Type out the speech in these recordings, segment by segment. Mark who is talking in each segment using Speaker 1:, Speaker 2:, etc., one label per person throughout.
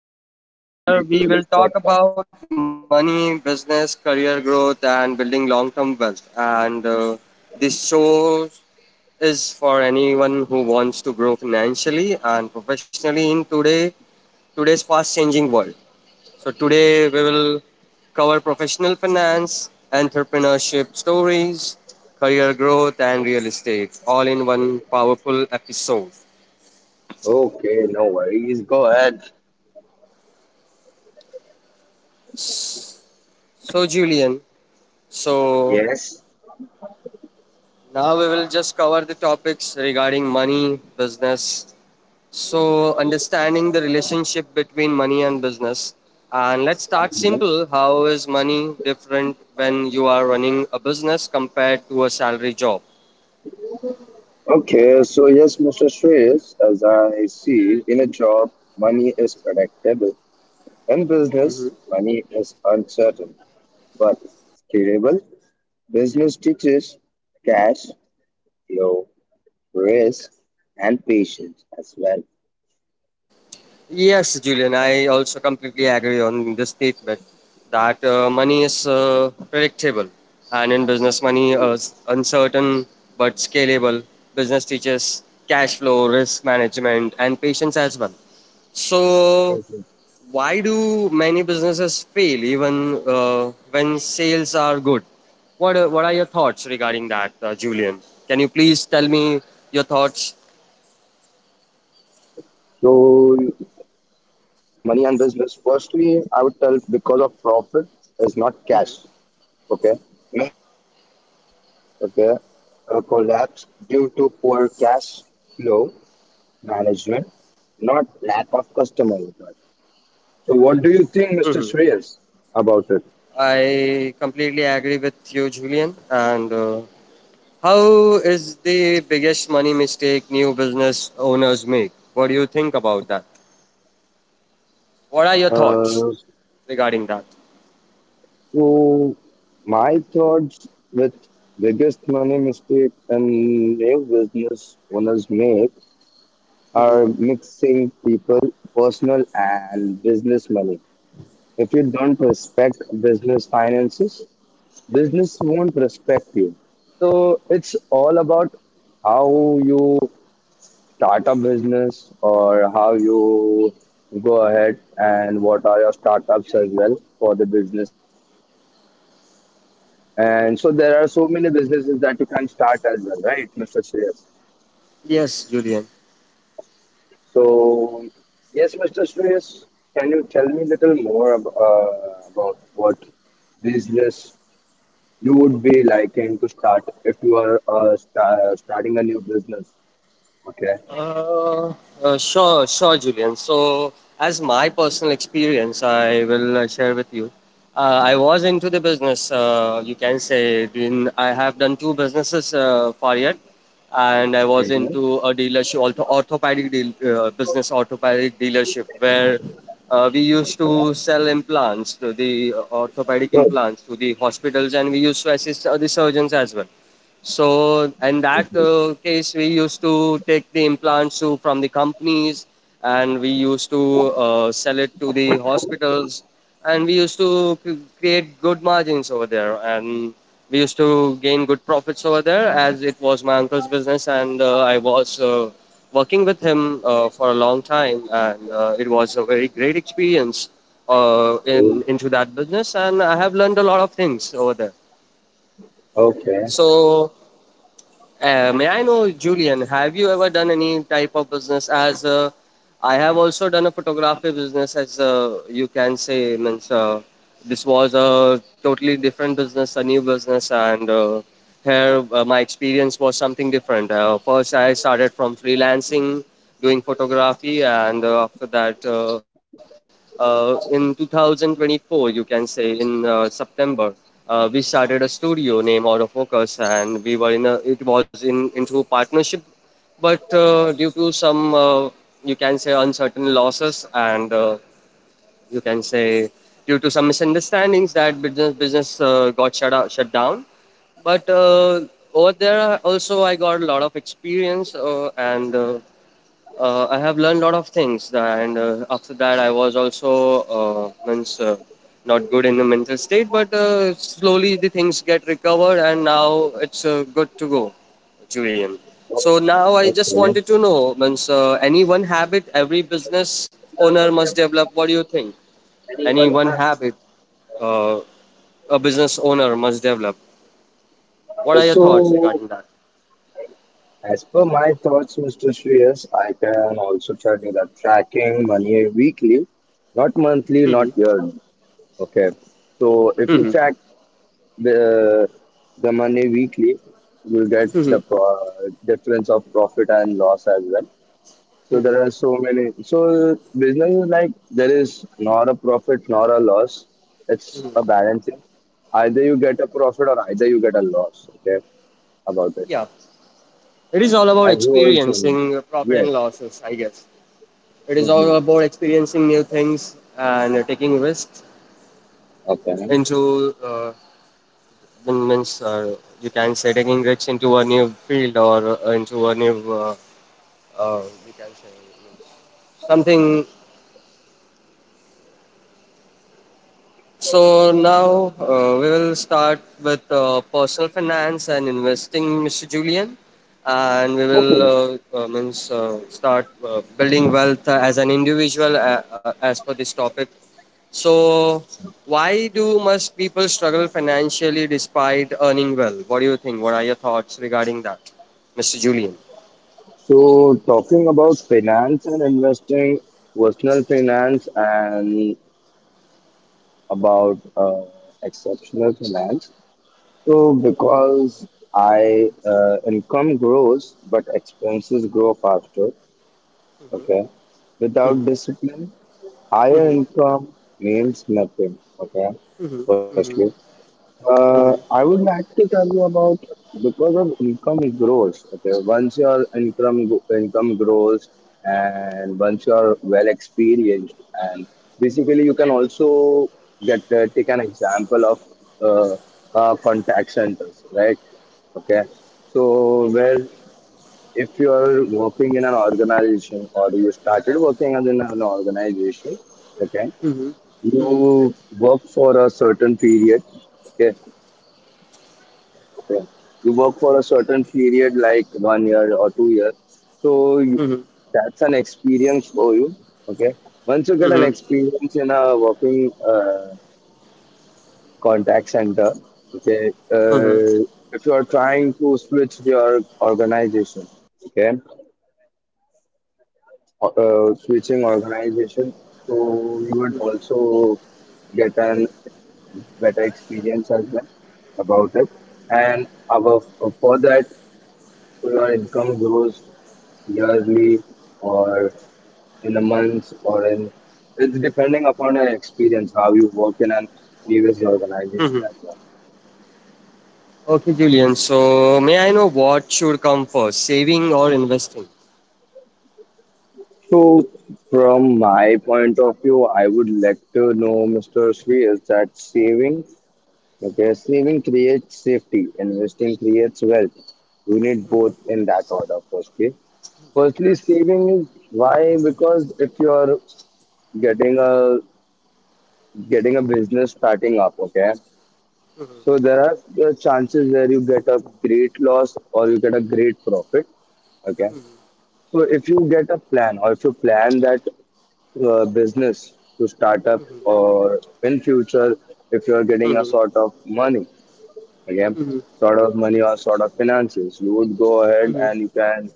Speaker 1: Thank you for
Speaker 2: Julian,
Speaker 1: inviting me to
Speaker 2: here
Speaker 1: this
Speaker 2: we will talk
Speaker 1: podcast.
Speaker 2: about money, business, career growth, and building long-term wealth. And this show is for anyone who wants to grow financially and professionally in today's fast-changing world. So today we will cover professional finance, entrepreneurship stories, career growth and real estate all in one powerful episode.
Speaker 1: Okay, no worries. Go ahead.
Speaker 2: So Julian, so
Speaker 1: Yes.
Speaker 2: now we will just cover the topics regarding money, business. So understanding the relationship between money and business. And let's start simple. How is money different when you are running a business compared to a salary job?
Speaker 1: Okay, so yes, Mr. Shreyas, as I see, in a job, money is predictable. In business, money is uncertain, but scalable. Business teaches cash, flow, risk, and patience as well.
Speaker 2: Yes, Julian, I also completely agree on this statement that money is predictable, and in business, money is uncertain but scalable. Business teaches cash flow, risk management, and patience as well. So,
Speaker 1: Mhm.
Speaker 2: why do many businesses fail even when sales are good?
Speaker 1: So
Speaker 2: What are your thoughts regarding that, Julian?
Speaker 1: yes, Mr.
Speaker 2: Can you please
Speaker 1: Shreyas,
Speaker 2: tell me
Speaker 1: as
Speaker 2: your thoughts?
Speaker 1: I go ahead with money and business, firstly, I would tell because of profit is not cash. Okay. Many businesses, okay, collapse due to poor cash flow management, not lack of customer. So, what do you think, Mr.
Speaker 2: Mhm.
Speaker 1: Shreyas, about it?
Speaker 2: I completely agree with you, Julian. And how is the biggest money mistake new business owners make? What do you think about that? What are your thoughts
Speaker 1: Uh,
Speaker 2: regarding that?
Speaker 1: So my thoughts with biggest money mistake and new business owners make are mixing people personal and business money. If you don't respect business finances, business won't respect you. So it's all about how you start a business or how you go ahead and what are your startups as well for the businesses. Okay. And so there are so many businesses that you can start as well, right, Mr. Shreyas?
Speaker 2: Yes, Julian.
Speaker 1: So, yes, Mr. Shreyas, can you tell me a little more about what business you would be liking to start if you are starting a new business? Okay.
Speaker 2: Uh, sure, Julian. So, as my personal experience, I will share with you. I was into the business. You can say doing. I have done two businesses for yet, and I was
Speaker 1: Mhm.
Speaker 2: into a dealership, orthopedic orthopedic dealership, where we used to
Speaker 1: Okay.
Speaker 2: sell implants, to the orthopedic implants, to the hospitals, and we used to assist the surgeons as well. So, in that case, we used to take the implants to, from the companies and we used to sell it to the hospitals and we used to create good margins over there and we used to gain good profits over there as it was my uncle's business and I was working with him for a long time and it was a very great experience
Speaker 1: Good.
Speaker 2: in into that business and I have learned a lot of things over there.
Speaker 1: Okay.
Speaker 2: So may I know, Julian, have you ever done any type of business as I have also done a photography business as you can say, means this was a totally different business, a new business, and here my experience was something different. First, I started from freelancing, doing photography, and after that, in 2024, you can say in September we started a studio named Out of Focus, and we were in a it was in into partnership, but due to some you can say uncertain losses and you can say due to some misunderstandings that business got shut down. But over there also I got a lot of experience and I have learned a lot of things, and after that, I was also means not good in the mental state. But slowly the things get recovered, and now it's good to go, Julian. So now I just
Speaker 1: Okay.
Speaker 2: wanted to know, means any one habit every business owner must develop. What do you think? Any one habit uh, a business owner must develop. What are your thoughts
Speaker 1: So,
Speaker 2: regarding that?
Speaker 1: as per my thoughts, Mr. Shreyas, I can also tell you that tracking money weekly, not monthly,
Speaker 2: hmm
Speaker 1: not yearly. Okay. So if you
Speaker 2: hmm
Speaker 1: track the the money weekly, you get the
Speaker 2: hmm
Speaker 1: difference of profit and loss as well. So
Speaker 2: hmm
Speaker 1: there are so many. So business is like there is not a profit nor a loss. It's a
Speaker 2: hmm.
Speaker 1: balancing. Either you get a profit or either you get a loss. Okay, about it.
Speaker 2: Yeah, it is all about
Speaker 1: As you also know.
Speaker 2: experiencing profit and
Speaker 1: Yes.
Speaker 2: losses, I guess. It is all
Speaker 1: Mhm.
Speaker 2: about experiencing new things and taking risks
Speaker 1: Okay.
Speaker 2: into mean- means you can say taking risks into a new field or into a new uh, you can say something. So now we will start with personal finance and investing, Mr. Julian, and we will
Speaker 1: Okay.
Speaker 2: means start building wealth as an individual as per this topic. So why do must people struggle financially despite earning well? What do you think? What are your thoughts regarding that, Mr. Julian?
Speaker 1: So talking about finance and investing, personal finance and about exceptional finance. So because I income grows but expenses grow faster. Okay. Without
Speaker 2: hmm
Speaker 1: discipline, higher
Speaker 2: hmm
Speaker 1: income means nothing. Okay. Firstly. I
Speaker 2: hmm
Speaker 1: would like to tell you about because of income grows. Okay, once your income grows, and once you are well experienced, and basically you can also get take an example of uh, contact centers, right? Okay, so where if you are working in an organization or you started working as in an organization, okay,
Speaker 2: hmm
Speaker 1: you work for a certain period, okay. Okay. You work for a certain period, like 1 year or 2 years. So you,
Speaker 2: hmm
Speaker 1: that's an experience for you. Okay. Once you get an
Speaker 2: hmm
Speaker 1: experience in a working contact center, okay,
Speaker 2: hmm
Speaker 1: uh, if you are trying to switch your organization, okay, switching organization, so you would also get an better experience as well about it. And above, for that, your income grows yearly or in a month or in it's depending upon your experience, how you work in an previous organization
Speaker 2: hmm.
Speaker 1: as well.
Speaker 2: Okay, Julian. So, may I know what should come first, saving or investing?
Speaker 1: So from my point of view, I would like to know, Mr. Sri, is that saving? Okay, saving creates safety, investing creates wealth. We need both in that order, firstly. Firstly, saving is why? Because if you are getting a getting a business starting up, okay?
Speaker 2: Mhm,
Speaker 1: So there are the chances where you get a great loss or you get a great profit, okay? So if you get a plan or if you plan that business to start up
Speaker 2: mhm,
Speaker 1: or in future, if you are getting a
Speaker 2: mhm,
Speaker 1: sort of money, okay, sort of money or sort of finances, you would go ahead
Speaker 2: mhm,
Speaker 1: and you can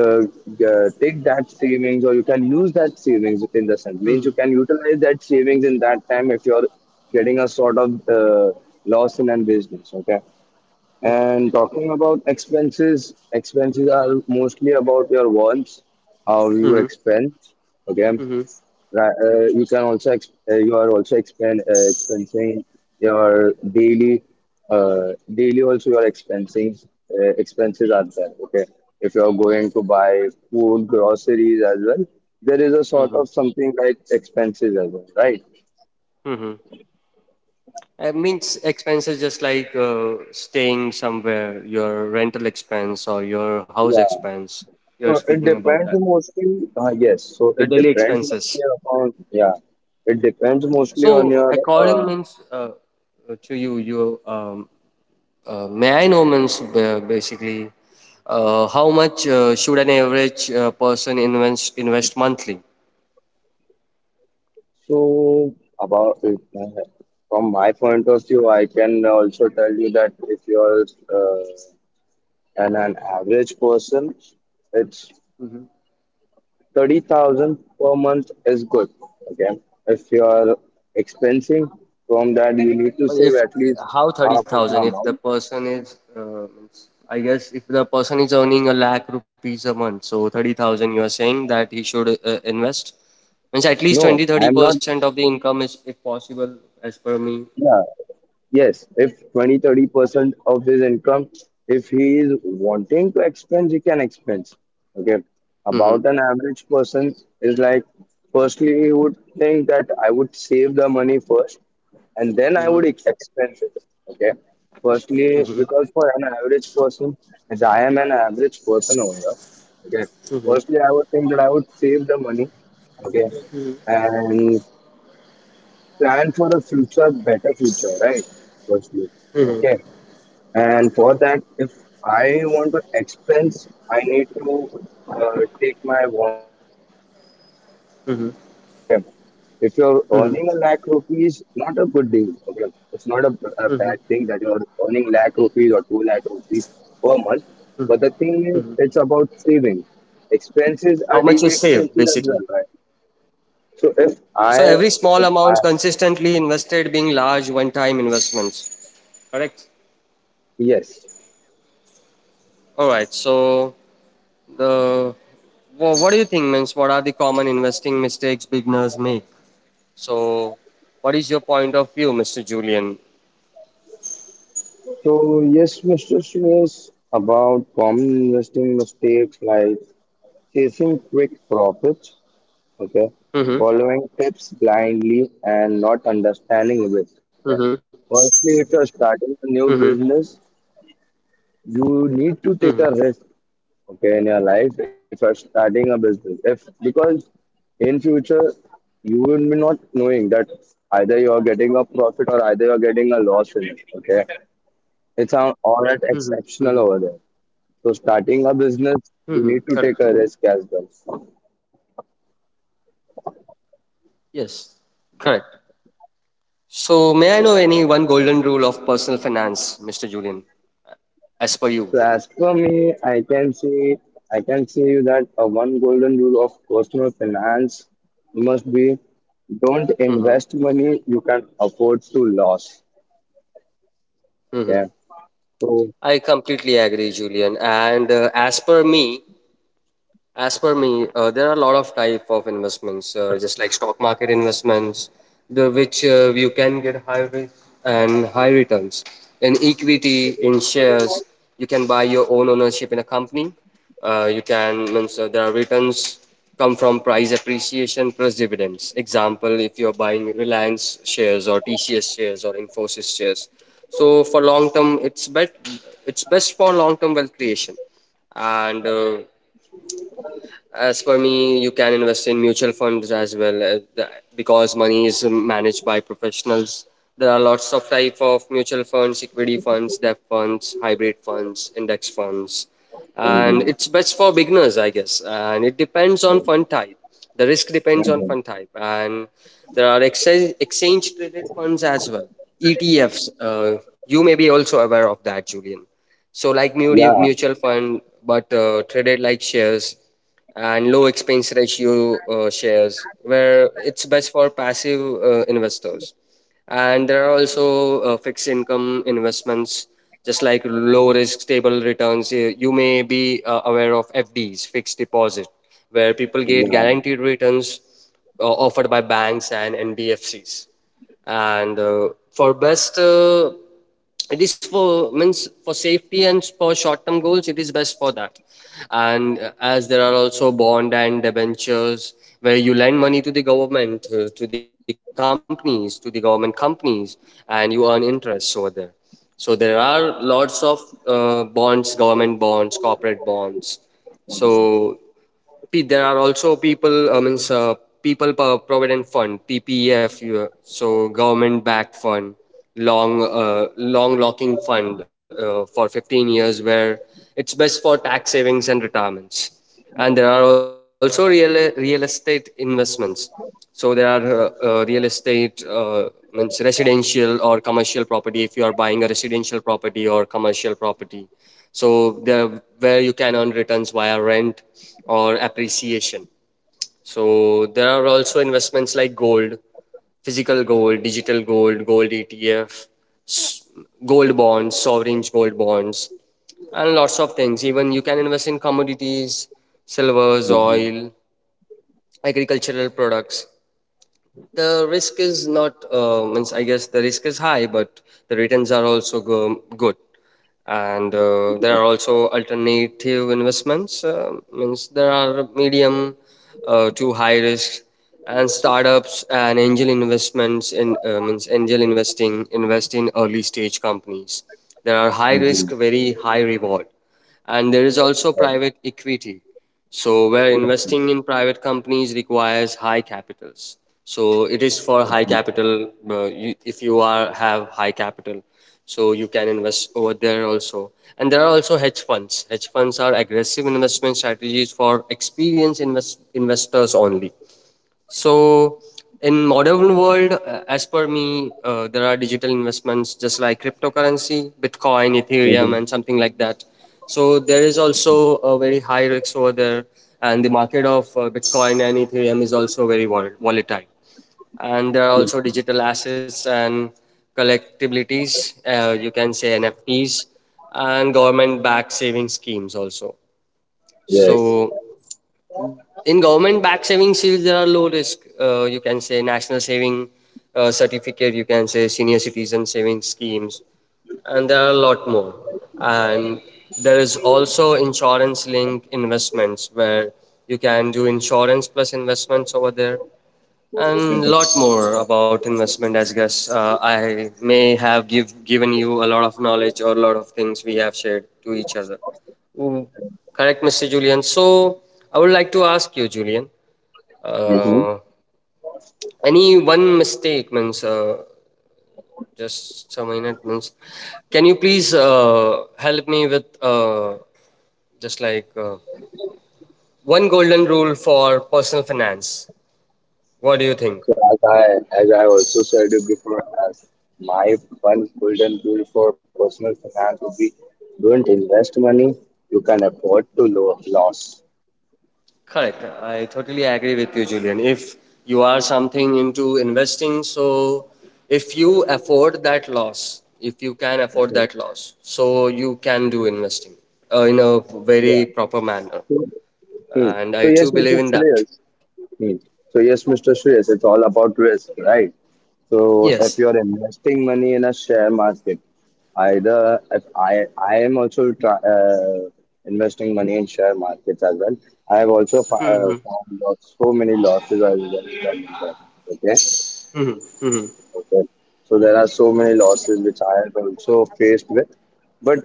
Speaker 1: take that savings or you can use that savings in the sense means you can utilize that savings in that time if you're getting a sort of loss in a business. Okay. And talking about expenses, expenses are mostly about your wants, how you
Speaker 2: mhm,
Speaker 1: expense. Okay,
Speaker 2: mhm,
Speaker 1: You can also you are also expend expensing your daily daily also your expensing expenses are there. Okay, if you are going to buy food, groceries as well, there is a sort
Speaker 2: mhm,
Speaker 1: of something like expenses as well, right?
Speaker 2: mhm. Means expenses just like staying somewhere, your rental expense or your house
Speaker 1: Yeah.
Speaker 2: expense. You're
Speaker 1: So it
Speaker 2: speaking about
Speaker 1: depends
Speaker 2: that.
Speaker 1: mostly. Yes. So
Speaker 2: Your
Speaker 1: it
Speaker 2: daily
Speaker 1: depends
Speaker 2: expenses.
Speaker 1: mostly upon. Yeah. It depends mostly on
Speaker 2: So
Speaker 1: your.
Speaker 2: according
Speaker 1: Uh,
Speaker 2: means to you, may I know, basically, how much should an average person invest monthly?
Speaker 1: so about it, from my point of view, I can also tell you that if you're uh, an average person, it's
Speaker 2: Mhm.
Speaker 1: 30,000 per month is good. Okay. If you're expensing from that, you need to
Speaker 2: But
Speaker 1: save
Speaker 2: if
Speaker 1: at least
Speaker 2: how thirty
Speaker 1: half of
Speaker 2: thousand?
Speaker 1: the
Speaker 2: If the
Speaker 1: amount.
Speaker 2: person is, means I guess, if the person is earning a lakh rupees a month, so 30,000, you are saying that he should invest. Means at least
Speaker 1: No,
Speaker 2: 20
Speaker 1: I
Speaker 2: 30
Speaker 1: am not.
Speaker 2: percent of the income is, if possible, as per me.
Speaker 1: Yeah, yes, if 20 30% of his income, if he is wanting to expense, he can expense. Okay,
Speaker 2: hmm
Speaker 1: about an average person is like, firstly, he would think that I would save the money first and then I
Speaker 2: Mhm.
Speaker 1: would expense it. Okay, firstly,
Speaker 2: hmm
Speaker 1: because for an average person, as I am an average person over here, okay,
Speaker 2: hmm
Speaker 1: firstly, I would think that I would save the money. Okay, and plan for a future better future, right? Firstly,
Speaker 2: hmm
Speaker 1: okay, and for that if I want to expense I need to take my wants little low.
Speaker 2: hmm.
Speaker 1: Okay, if you're earning a lakh rupees, not a good deal. Okay, it's not a, a bad thing that you're earning lakh rupees or two lakh rupees per month, but the thing is it's about saving, expenses are
Speaker 2: How
Speaker 1: daily
Speaker 2: much you
Speaker 1: expenses
Speaker 2: save,
Speaker 1: as well,
Speaker 2: basically?
Speaker 1: right? So i
Speaker 2: So every small
Speaker 1: if I
Speaker 2: amount consistently invested being large one-time investments. Correct.
Speaker 1: yes.
Speaker 2: All right. So the what do you think means what are the common investing mistakes beginners make? So what is your point of view, Mr. Julian?
Speaker 1: So yes, Mr. Suresh, about common investing mistakes like chasing quick profits, okay,
Speaker 2: Mm-hmm.
Speaker 1: following tips blindly and not
Speaker 2: Mm-hmm.
Speaker 1: understanding risk. Okay. Firstly, if
Speaker 2: Mm-hmm.
Speaker 1: you're starting a new business,
Speaker 2: Mm-hmm.
Speaker 1: you need to take a risk, okay, in your life. If you're starting a business, if because in future you will be not knowing that either you are getting a profit or either you are getting a loss in it. Okay, it's an all at exceptional over there. So starting a
Speaker 2: Mm-hmm.
Speaker 1: business,
Speaker 2: Correct.
Speaker 1: you need to take a risk as well.
Speaker 2: Yes. Correct. So may I know any one golden rule of personal finance, Mr. Julian, as per you?
Speaker 1: So as for me, I can see you that a one golden rule of personal finance must be don't invest money you can afford to lose.
Speaker 2: Mm-hmm.
Speaker 1: Okay. So
Speaker 2: I completely agree, Julian. And as per me, there are a lot of type of investments, just like stock market investments, the which you can get high risk and high returns. In equity, in shares, you can buy your own ownership in a company. You can means there are returns come from price appreciation plus dividends. Example, if you're buying Reliance shares or TCS shares or Infosys shares, so for long term, it's best for long term wealth creation and as for me, you can invest in mutual funds as well because money is managed by professionals. There are lots of type of mutual funds, equity funds, debt funds, hybrid funds, index funds, and it's best for beginners, I guess. And it depends on fund type. The risk depends on
Speaker 1: mhm.
Speaker 2: fund type, and there are exchange traded funds as well, ETFs. You may be also aware of that, Julian. So like
Speaker 1: Yeah,
Speaker 2: mutual fund, but traded like shares and low expense ratio shares where it's best for passive investors, and there are also fixed income investments just like low risk stable returns. You may be aware of FDs, fixed deposit, where people get
Speaker 1: yeah. Mhm.
Speaker 2: guaranteed returns offered by banks and NBFCs, and for best it is for means for safety and for short-term goals, it is best for that. And as there are also bond and debentures where you lend money to the government to the companies, to the government companies, and you earn interest over there. So there are lots of bonds, government bonds, corporate bonds. So there are also people provident fund (PPF) so government backed fund, long long locking fund for 15 years, where it's best for tax savings and retirements. And there are also real estate investments. So there are real estate, means residential or commercial property. If you are buying a residential property or commercial property, so there where you can earn returns via rent or appreciation. So there are also investments like gold, physical gold, digital gold, gold ETF, gold bonds, sovereign gold bonds, and lots of things. Even you can invest in commodities, silvers, oil, agricultural products. The risk is not means I guess the risk is high, but the returns are also good. And there are also alternative investments, means there are medium to high risk, and startups and angel investments in means angel investing invest in early stage companies. There are high risk,
Speaker 1: Mhm.
Speaker 2: very high reward. And there is also private equity, so, where investing in private companies requires high capitals. So, it is for high capital. You, if you are have high capital, so you can invest over there also. And there are also hedge funds. Hedge funds are aggressive investment strategies for experienced investors only. So in modern world, as per me, there are digital investments just like cryptocurrency, Bitcoin, Ethereum,
Speaker 1: Mhm.
Speaker 2: and something like that. So there is also a very high risk over there, and the market of Bitcoin and Ethereum is also very volatile. And there are also
Speaker 1: Mhm.
Speaker 2: digital assets and collectibilities, you can say NFTs, and government-backed saving schemes also.
Speaker 1: Yes.
Speaker 2: So in government backed savings shields there are low risk you can say national saving certificate, you can say senior citizen savings schemes, and there are a lot more. And there is also insurance linked investments where you can do insurance plus investments over there and a lot more about investment as guess. I may have given you a lot of knowledge or a lot of things we have shared to each other. Mm, Correct, Mr. Julian. So I would like to ask you, Julian, uh, any one mistake means just some minute means. Can you please help me with just like one golden rule for personal finance? What do you think?
Speaker 1: So as I also said it before, as my one golden rule for personal finance would be don't invest money you can afford to loss.
Speaker 2: Correct. I totally agree with you, Julian. If you are something into investing, so if you afford that loss, if you can afford
Speaker 1: Mhm.
Speaker 2: that loss, so you can do investing in a
Speaker 1: Yeah.
Speaker 2: very proper manner.
Speaker 1: So, hmm,
Speaker 2: And
Speaker 1: so
Speaker 2: I
Speaker 1: yes,
Speaker 2: too believe in
Speaker 1: it's
Speaker 2: that.
Speaker 1: Shreyas. Hmm. So yes, Mr. Shreyas, it's all about risk, right? So if
Speaker 2: Yes.
Speaker 1: you're investing money in a share market, either if I am also investing money in share markets as well. I have also found out so many losses as well done in that. Okay.
Speaker 2: Mhm, mhm.
Speaker 1: Okay. So there are so many losses which I have also faced with. But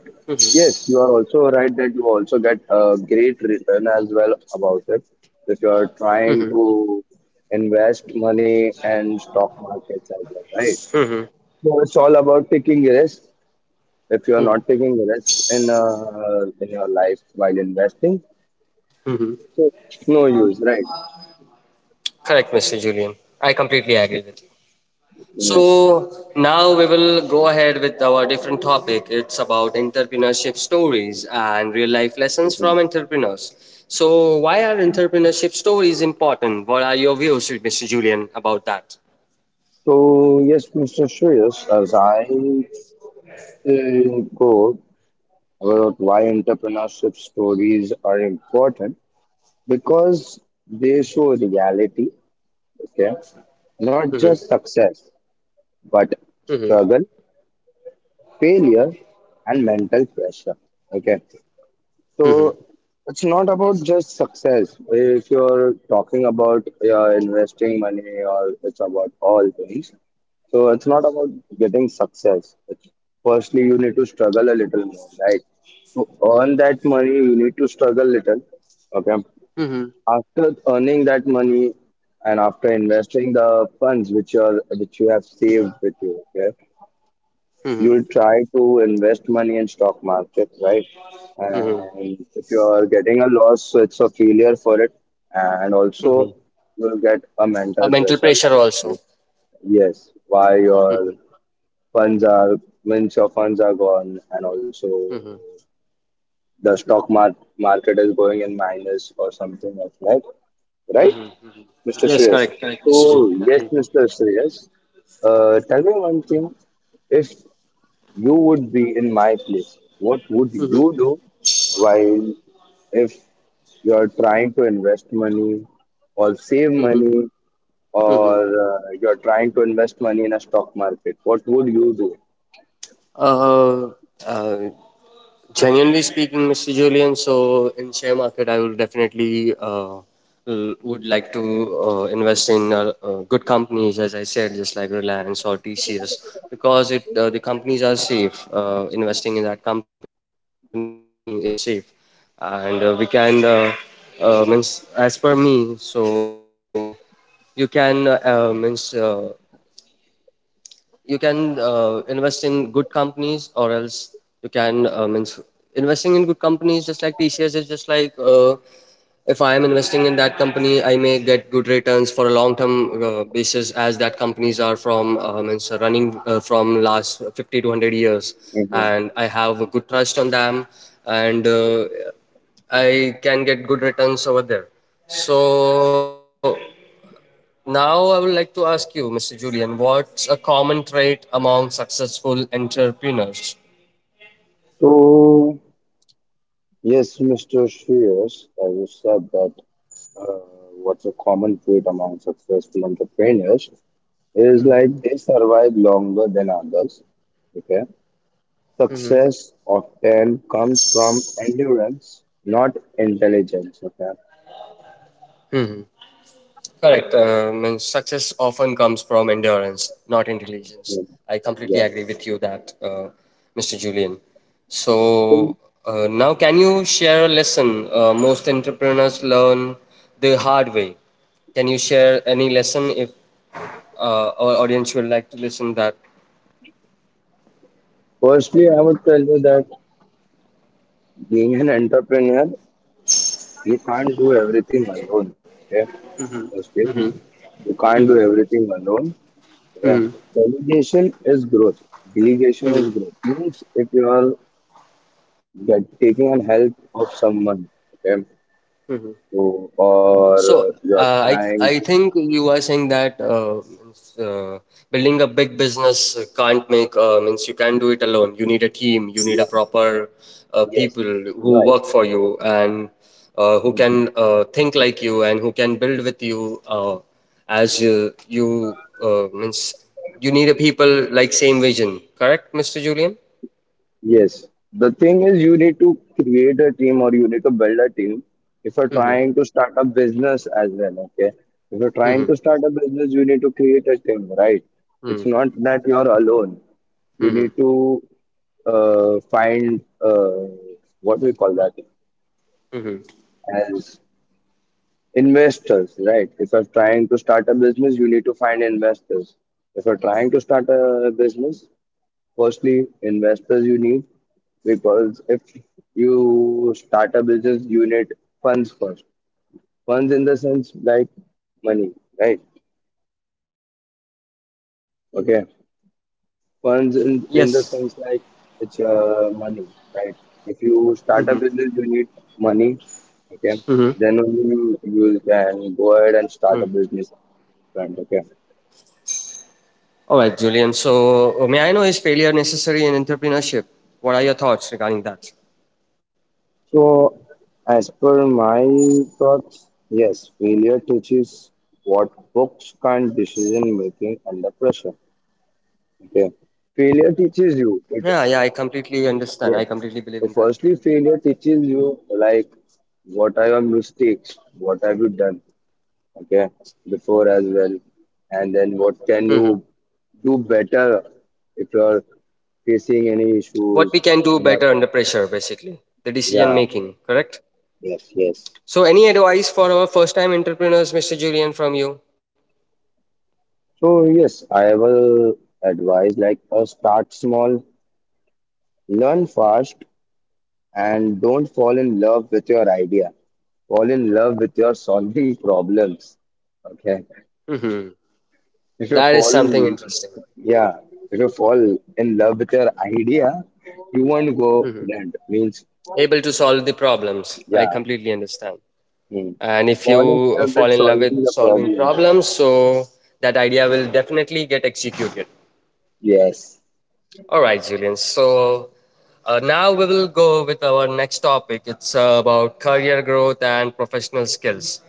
Speaker 1: yes, you are also right that you also get a great return as well about it. If you are trying to invest money and stock markets as well, right? So it's all about taking a risk. If you are not taking a risk in your life while investing, so it's no use, right?
Speaker 2: Correct, Mr. Julian. I completely agree with you.
Speaker 1: Yes.
Speaker 2: So now we will go ahead with our different topic. It's about entrepreneurship stories and real life lessons from
Speaker 1: Mhm.
Speaker 2: entrepreneurs. So why are entrepreneurship stories important? What are your views, Mr. Julian, about that?
Speaker 1: So yes, Mr. Shreyas, as I go about why entrepreneurship stories are important because they show reality, okay? Not just success, but struggle, failure, and mental pressure, okay? So it's not about just success. If you're talking about investing money or it's about all things. So it's not about getting success. It's, firstly, you need to struggle a little more, right? To earn that money, you need to struggle little. Okay.
Speaker 2: Mhm,
Speaker 1: After earning that money and after investing the funds which you are which you have saved with you, okay,
Speaker 2: mhm,
Speaker 1: you'll try to invest money in stock market, right? And if you are getting a loss, so it's a failure for it, and also
Speaker 2: mhm.
Speaker 1: you'll get a mental
Speaker 2: Mental
Speaker 1: pressure.
Speaker 2: pressure also.
Speaker 1: Like, yes, why your funds are means your funds are gone, and also the market is going in minus or something else, like right, Mr.
Speaker 2: Yes,
Speaker 1: Shreyas?
Speaker 2: correct. Correct, Mr.
Speaker 1: So
Speaker 2: Julian. I
Speaker 1: yes, Mr.
Speaker 2: completely.
Speaker 1: Shreyas, tell me one thing. If you would be in my place, what would
Speaker 2: Mhm,
Speaker 1: you do while if you're trying to invest money or save
Speaker 2: mhm,
Speaker 1: money or
Speaker 2: mhm.
Speaker 1: you're trying to invest money in a stock market? What would you do?
Speaker 2: Uh, uh, genuinely speaking, Mr. Julian, so in share market, I will definitely would like to invest in good companies, as I said, just like Reliance or TCS, because it the companies are safe. Investing in that company is safe, and we can means as per me, so you can means you can invest in good companies, or else you can means investing in good companies just like tcs is just like if I am investing in that company I may get good returns for a long term basis, as that companies are from means running from last 50 to 100 years,
Speaker 1: Hmm.
Speaker 2: and I have a good trust on them. And I can get good returns over there. So now, I would like to ask you, Mr. Julian, what's a common trait among successful entrepreneurs?
Speaker 1: So, yes, Mr. Shreyas, as you said, that what's a common trait among successful entrepreneurs is like they survive longer than others. Okay.
Speaker 2: Hmm.
Speaker 1: Success often comes from endurance, not intelligence. Okay.
Speaker 2: Correct. And success often comes from endurance, not intelligence.
Speaker 1: Yeah.
Speaker 2: I completely
Speaker 1: Yeah.
Speaker 2: agree with you that, Mr. Julian.
Speaker 1: So
Speaker 2: So now, can you share a lesson most entrepreneurs learn the hard way? Can you share any lesson if our audience would like to listen that?
Speaker 1: firstly, I would tell you that being an entrepreneur, you can't do everything alone. Okay. Firstly, you can't do everything alone. Okay. Delegation is growth. Delegation is growth. Means if you are get, taking on help of someone, okay, so, or
Speaker 2: So
Speaker 1: you're
Speaker 2: I
Speaker 1: trying to,
Speaker 2: think you are saying that means, building a big business can't make means you can't do it alone. You need a team. You need a
Speaker 1: yeah,
Speaker 2: proper people who work for you and who
Speaker 1: right.
Speaker 2: can think like you and who can build with you as you, means you need a people like same vision. Correct, Mr. Julian?
Speaker 1: Yes. The thing is, you need to create a team or you need to build a team if you're
Speaker 2: Hmm.
Speaker 1: trying to start a business as well. Okay. If you're trying to
Speaker 2: Mm-hmm.
Speaker 1: start a business, you need to create a team, right? It's
Speaker 2: Mm-hmm.
Speaker 1: not that you're alone. You need
Speaker 2: Mm-hmm.
Speaker 1: to find what we call that
Speaker 2: Mm-hmm.
Speaker 1: as investors, right? If you're trying to start a business, you need to find investors. If you're trying to start a business, firstly, investors you need, because if you start a business, you need funds first. Funds in the sense like money, right? Okay. Funds in the sense
Speaker 2: Yes.
Speaker 1: like it's money, right? If you start a business, you need money, okay? Then
Speaker 2: Mm-hmm.
Speaker 1: only you can go ahead and start a business, right? Okay.
Speaker 2: All right, Julian. So, may I know, is failure necessary in entrepreneurship? What are your thoughts regarding that?
Speaker 1: So, as per my thoughts, yes, failure teaches what books can't: decision making under pressure. Okay. Failure teaches you
Speaker 2: Yeah, yeah,
Speaker 1: it.
Speaker 2: I completely understand. I
Speaker 1: Yes.
Speaker 2: completely believe in that.
Speaker 1: So firstly, failure teaches you like what are your mistakes, what have you done, okay, before as well. And then what can
Speaker 2: Hmm.
Speaker 1: you do better if you're facing any
Speaker 2: What we
Speaker 1: issues.
Speaker 2: can do better under pressure, basically, the
Speaker 1: Yeah,
Speaker 2: decision making, correct?
Speaker 1: yes, yes.
Speaker 2: So, any advice for our first time entrepreneurs, Mr. Julian, from you?
Speaker 1: So yes, I will advise like start small, learn fast, and don't fall in love with your idea. Fall in love with your solving problems. Okay.
Speaker 2: Hmm.
Speaker 1: If you
Speaker 2: That is
Speaker 1: fall
Speaker 2: something
Speaker 1: in,
Speaker 2: interesting.
Speaker 1: yeah, if you fall in love with your idea, you won't go
Speaker 2: Hmm.
Speaker 1: bland. Means
Speaker 2: Able to solve the problems.
Speaker 1: yeah,
Speaker 2: I completely understand.
Speaker 1: hmm.
Speaker 2: And if
Speaker 1: Fall in
Speaker 2: you
Speaker 1: love
Speaker 2: fall
Speaker 1: with
Speaker 2: in love
Speaker 1: solving
Speaker 2: with
Speaker 1: the
Speaker 2: solving
Speaker 1: problem.
Speaker 2: problems, so that idea will definitely get executed.
Speaker 1: Yes.
Speaker 2: All right, Julian. So now we will go with our next topic. It's about career growth and professional skills.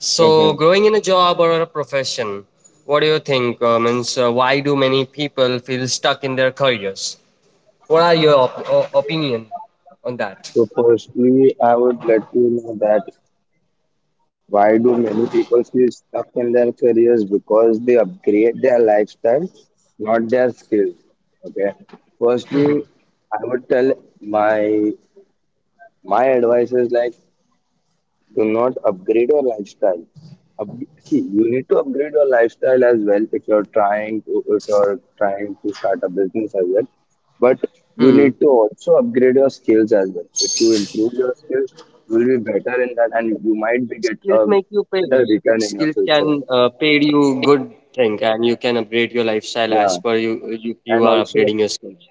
Speaker 2: So,
Speaker 1: Hmm.
Speaker 2: growing in a job or a profession, what do you think? Means, why do many people feel stuck in their careers? What are your opinion on that?
Speaker 1: So firstly, I would let you know that, why do many people feel stuck in their careers? Because they upgrade their lifestyle, not their skills. Okay. Firstly, I would tell my my advice is like, do not upgrade your lifestyle. Up- see, you need to upgrade your lifestyle as well if you're trying to start a business as well. But you
Speaker 2: Hmm.
Speaker 1: need to also upgrade your skills as well. If you improve your skills, you will be better in that, and you might be get
Speaker 2: Skills
Speaker 1: a
Speaker 2: make you paid.
Speaker 1: better return in your
Speaker 2: Skills
Speaker 1: future.
Speaker 2: can pay you good thing, and you can upgrade your lifestyle as
Speaker 1: Yeah,
Speaker 2: per you
Speaker 1: and
Speaker 2: are
Speaker 1: also
Speaker 2: upgrading your skills.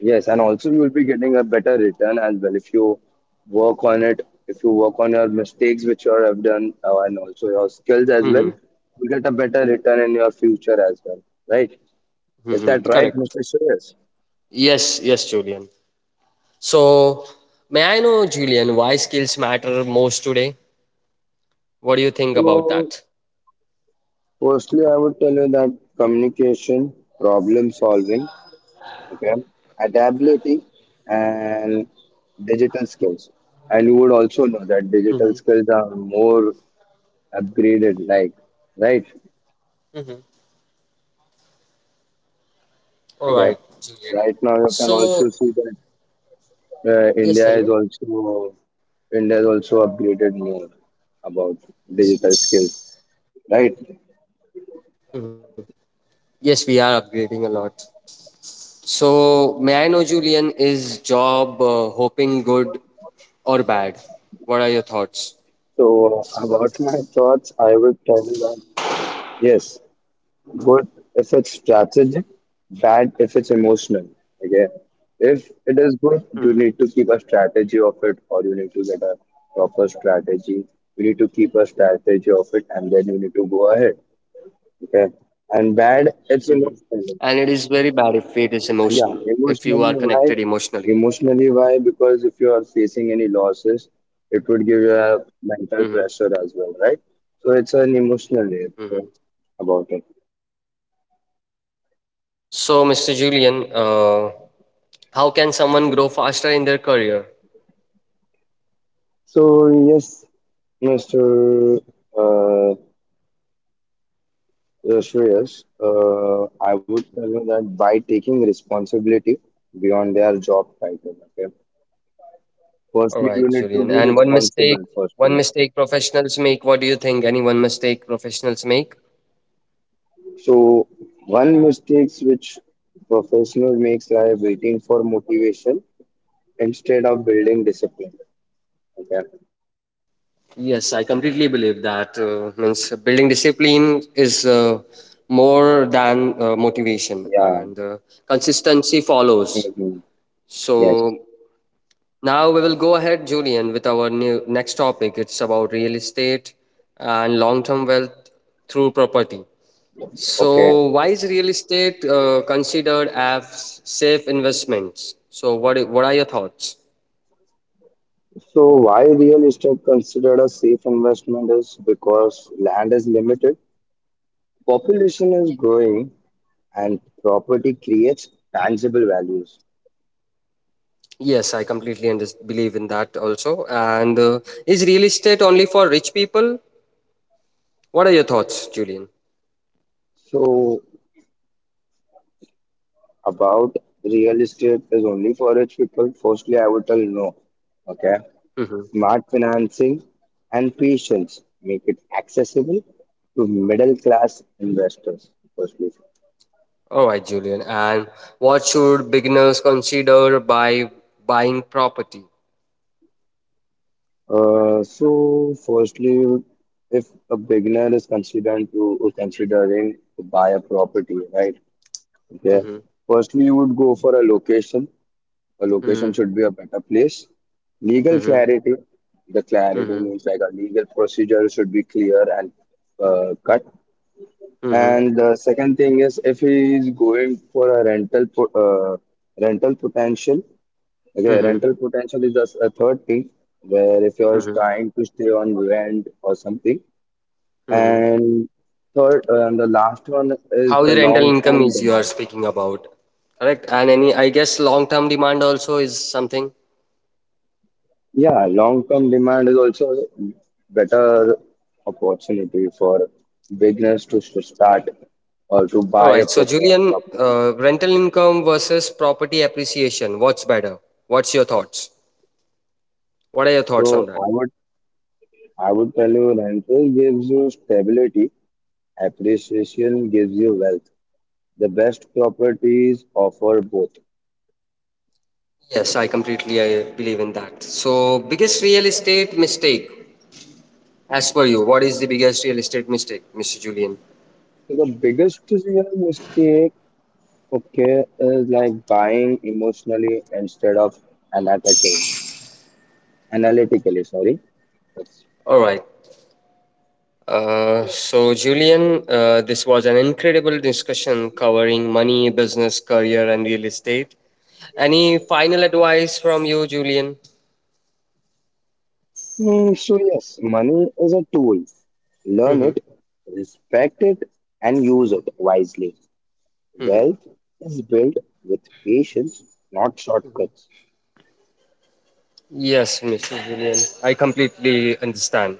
Speaker 1: yes, and also you will be getting a better return as well if you work on it, if you work on your mistakes which you have done, and also your skills as well,
Speaker 2: Mm-hmm.
Speaker 1: you get a better return in your future as well, right? Is that
Speaker 2: Mm-hmm.
Speaker 1: right, Mr.
Speaker 2: Correct.
Speaker 1: Suresh?
Speaker 2: Yes, yes, Julian. So, may I know, Julian, why skills matter most today? What do you think about
Speaker 1: So,
Speaker 2: that?
Speaker 1: firstly, I would tell you that communication, problem solving, okay, adaptability, and digital skills. And you would also know that digital skills are more upgraded, like, right?
Speaker 2: All
Speaker 1: Okay.
Speaker 2: right, Julian.
Speaker 1: Right now you can
Speaker 2: So,
Speaker 1: also see that uh, India is
Speaker 2: yes, tell me.
Speaker 1: also India is also upgraded more about digital skills,
Speaker 2: Yes,
Speaker 1: right?
Speaker 2: yes, we are upgrading a lot. So, may I know, Julian, is job hoping good or bad? What are your thoughts?
Speaker 1: So about my thoughts, I would tell you that yes, good if it's strategic, bad if it's emotional. Okay, if it is good, you
Speaker 2: Hmm.
Speaker 1: need to keep a strategy of it, or you need to get a proper strategy. You need to keep a strategy of it, and then you need to go ahead. Okay, and bad
Speaker 2: Hmm.
Speaker 1: it's
Speaker 2: And it
Speaker 1: emotional.
Speaker 2: is very bad if it is emotional,
Speaker 1: And yeah,
Speaker 2: if you are
Speaker 1: emotionally
Speaker 2: connected
Speaker 1: why?
Speaker 2: emotionally.
Speaker 1: Emotionally why? Because if you are facing any losses, it would give you a mental
Speaker 2: Hmm.
Speaker 1: pressure as well, right? So it's an emotional layer
Speaker 2: Hmm.
Speaker 1: about it.
Speaker 2: So, Mr. Julian, how can someone grow faster in their career?
Speaker 1: So yes, Mr. Uh, Shreyas, I would tell you that by taking responsibility beyond their job title, okay.
Speaker 2: All
Speaker 1: Firstly,
Speaker 2: right,
Speaker 1: you need to
Speaker 2: Julian.
Speaker 1: be
Speaker 2: And
Speaker 1: responsible.
Speaker 2: one
Speaker 1: Firstly,
Speaker 2: mistake professionals make. What do you think? Any one mistake professionals make?
Speaker 1: so one mistakes which professional makes are waiting for motivation instead of building discipline. Okay.
Speaker 2: Yes, I completely believe that means building discipline is more than motivation,
Speaker 1: Yeah.
Speaker 2: and consistency follows.
Speaker 1: Hmm. Yes.
Speaker 2: So now we will go ahead, Julian, with our new next topic. It's about real estate and long-term wealth through property.
Speaker 1: Okay.
Speaker 2: So, why is real estate considered as safe investments? So, what are your thoughts?
Speaker 1: So why real estate considered a safe investment is because land is limited, population is growing, and property creates tangible values.
Speaker 2: Yes, I completely believe in that also. And is real estate only for rich people? What are your thoughts, Julian?
Speaker 1: So about real estate is only for rich people, firstly, I would tell no. Okay.
Speaker 2: Mm-hmm.
Speaker 1: Smart financing and patience make it accessible to middle class investors. Firstly,
Speaker 2: All right, Julian. And what should beginners consider by buying property?
Speaker 1: so firstly, if a beginner is considering to buy a property, right? Okay,
Speaker 2: Mm-hmm.
Speaker 1: firstly you would go for a location. A
Speaker 2: Mm-hmm.
Speaker 1: location should be a better place. Legal
Speaker 2: Mm-hmm.
Speaker 1: clarity. The clarity means like a legal procedure should be clear and cut.
Speaker 2: Mm-hmm.
Speaker 1: And the second thing is if he is going for a rental potential. Okay,
Speaker 2: Mm-hmm.
Speaker 1: rental potential is just a third thing where if you are trying to stay on rent or something.
Speaker 2: Mm-hmm.
Speaker 1: And third, and the last one is
Speaker 2: How the
Speaker 1: the
Speaker 2: rental
Speaker 1: long
Speaker 2: income
Speaker 1: term
Speaker 2: is, you are
Speaker 1: demand.
Speaker 2: speaking about, correct? And any, I guess, long term demand also is something.
Speaker 1: Yeah, long term demand is also a better opportunity for beginners to start or to
Speaker 2: All
Speaker 1: buy a
Speaker 2: right, so
Speaker 1: proper
Speaker 2: Julian,
Speaker 1: property.
Speaker 2: rental income versus property appreciation, what's better? what's your thoughts what are your thoughts
Speaker 1: So
Speaker 2: on that?
Speaker 1: I would tell you rental gives you stability, appreciation gives you wealth. The best properties offer both.
Speaker 2: Yes, I believe in that. So, biggest real estate mistake, as per you, what is the biggest real estate mistake, Mr. Julian?
Speaker 1: So the biggest you mistake, okay, is like buying emotionally instead of analytically. Analytically, sorry.
Speaker 2: All right. So, Julian, this was an incredible discussion covering money, business, career, and real estate. Any final advice from you, Julian?
Speaker 1: Hmm, so yes, money is a tool. Learn it, respect it, and use it wisely. Wealth is built with patience, not shortcuts.
Speaker 2: Yes, Mr. Julian, I completely understand.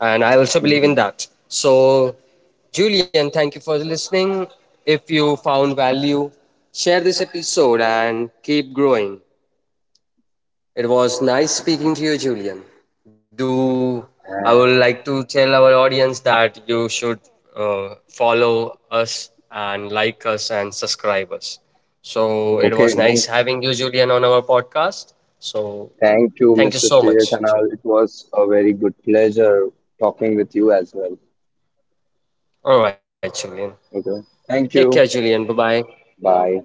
Speaker 2: And I also believe in that. So, Julian, thank you for listening. If you found value, share this episode and keep growing. It was nice speaking to you, Julian. Do I would
Speaker 1: Mhm.
Speaker 2: like to tell our audience that you should follow us and like us and subscribe us. So it was
Speaker 1: Okay, no,
Speaker 2: nice having you, Julian, on our podcast. So
Speaker 1: thank you,
Speaker 2: thank you
Speaker 1: Mr.
Speaker 2: so much,
Speaker 1: Shreyas, and all.
Speaker 2: Julian.
Speaker 1: It was a very good pleasure talking with you as well.
Speaker 2: All right, Julian.
Speaker 1: Okay,
Speaker 2: Take care,
Speaker 1: thank you.
Speaker 2: Julian. Bye bye.
Speaker 1: Bye.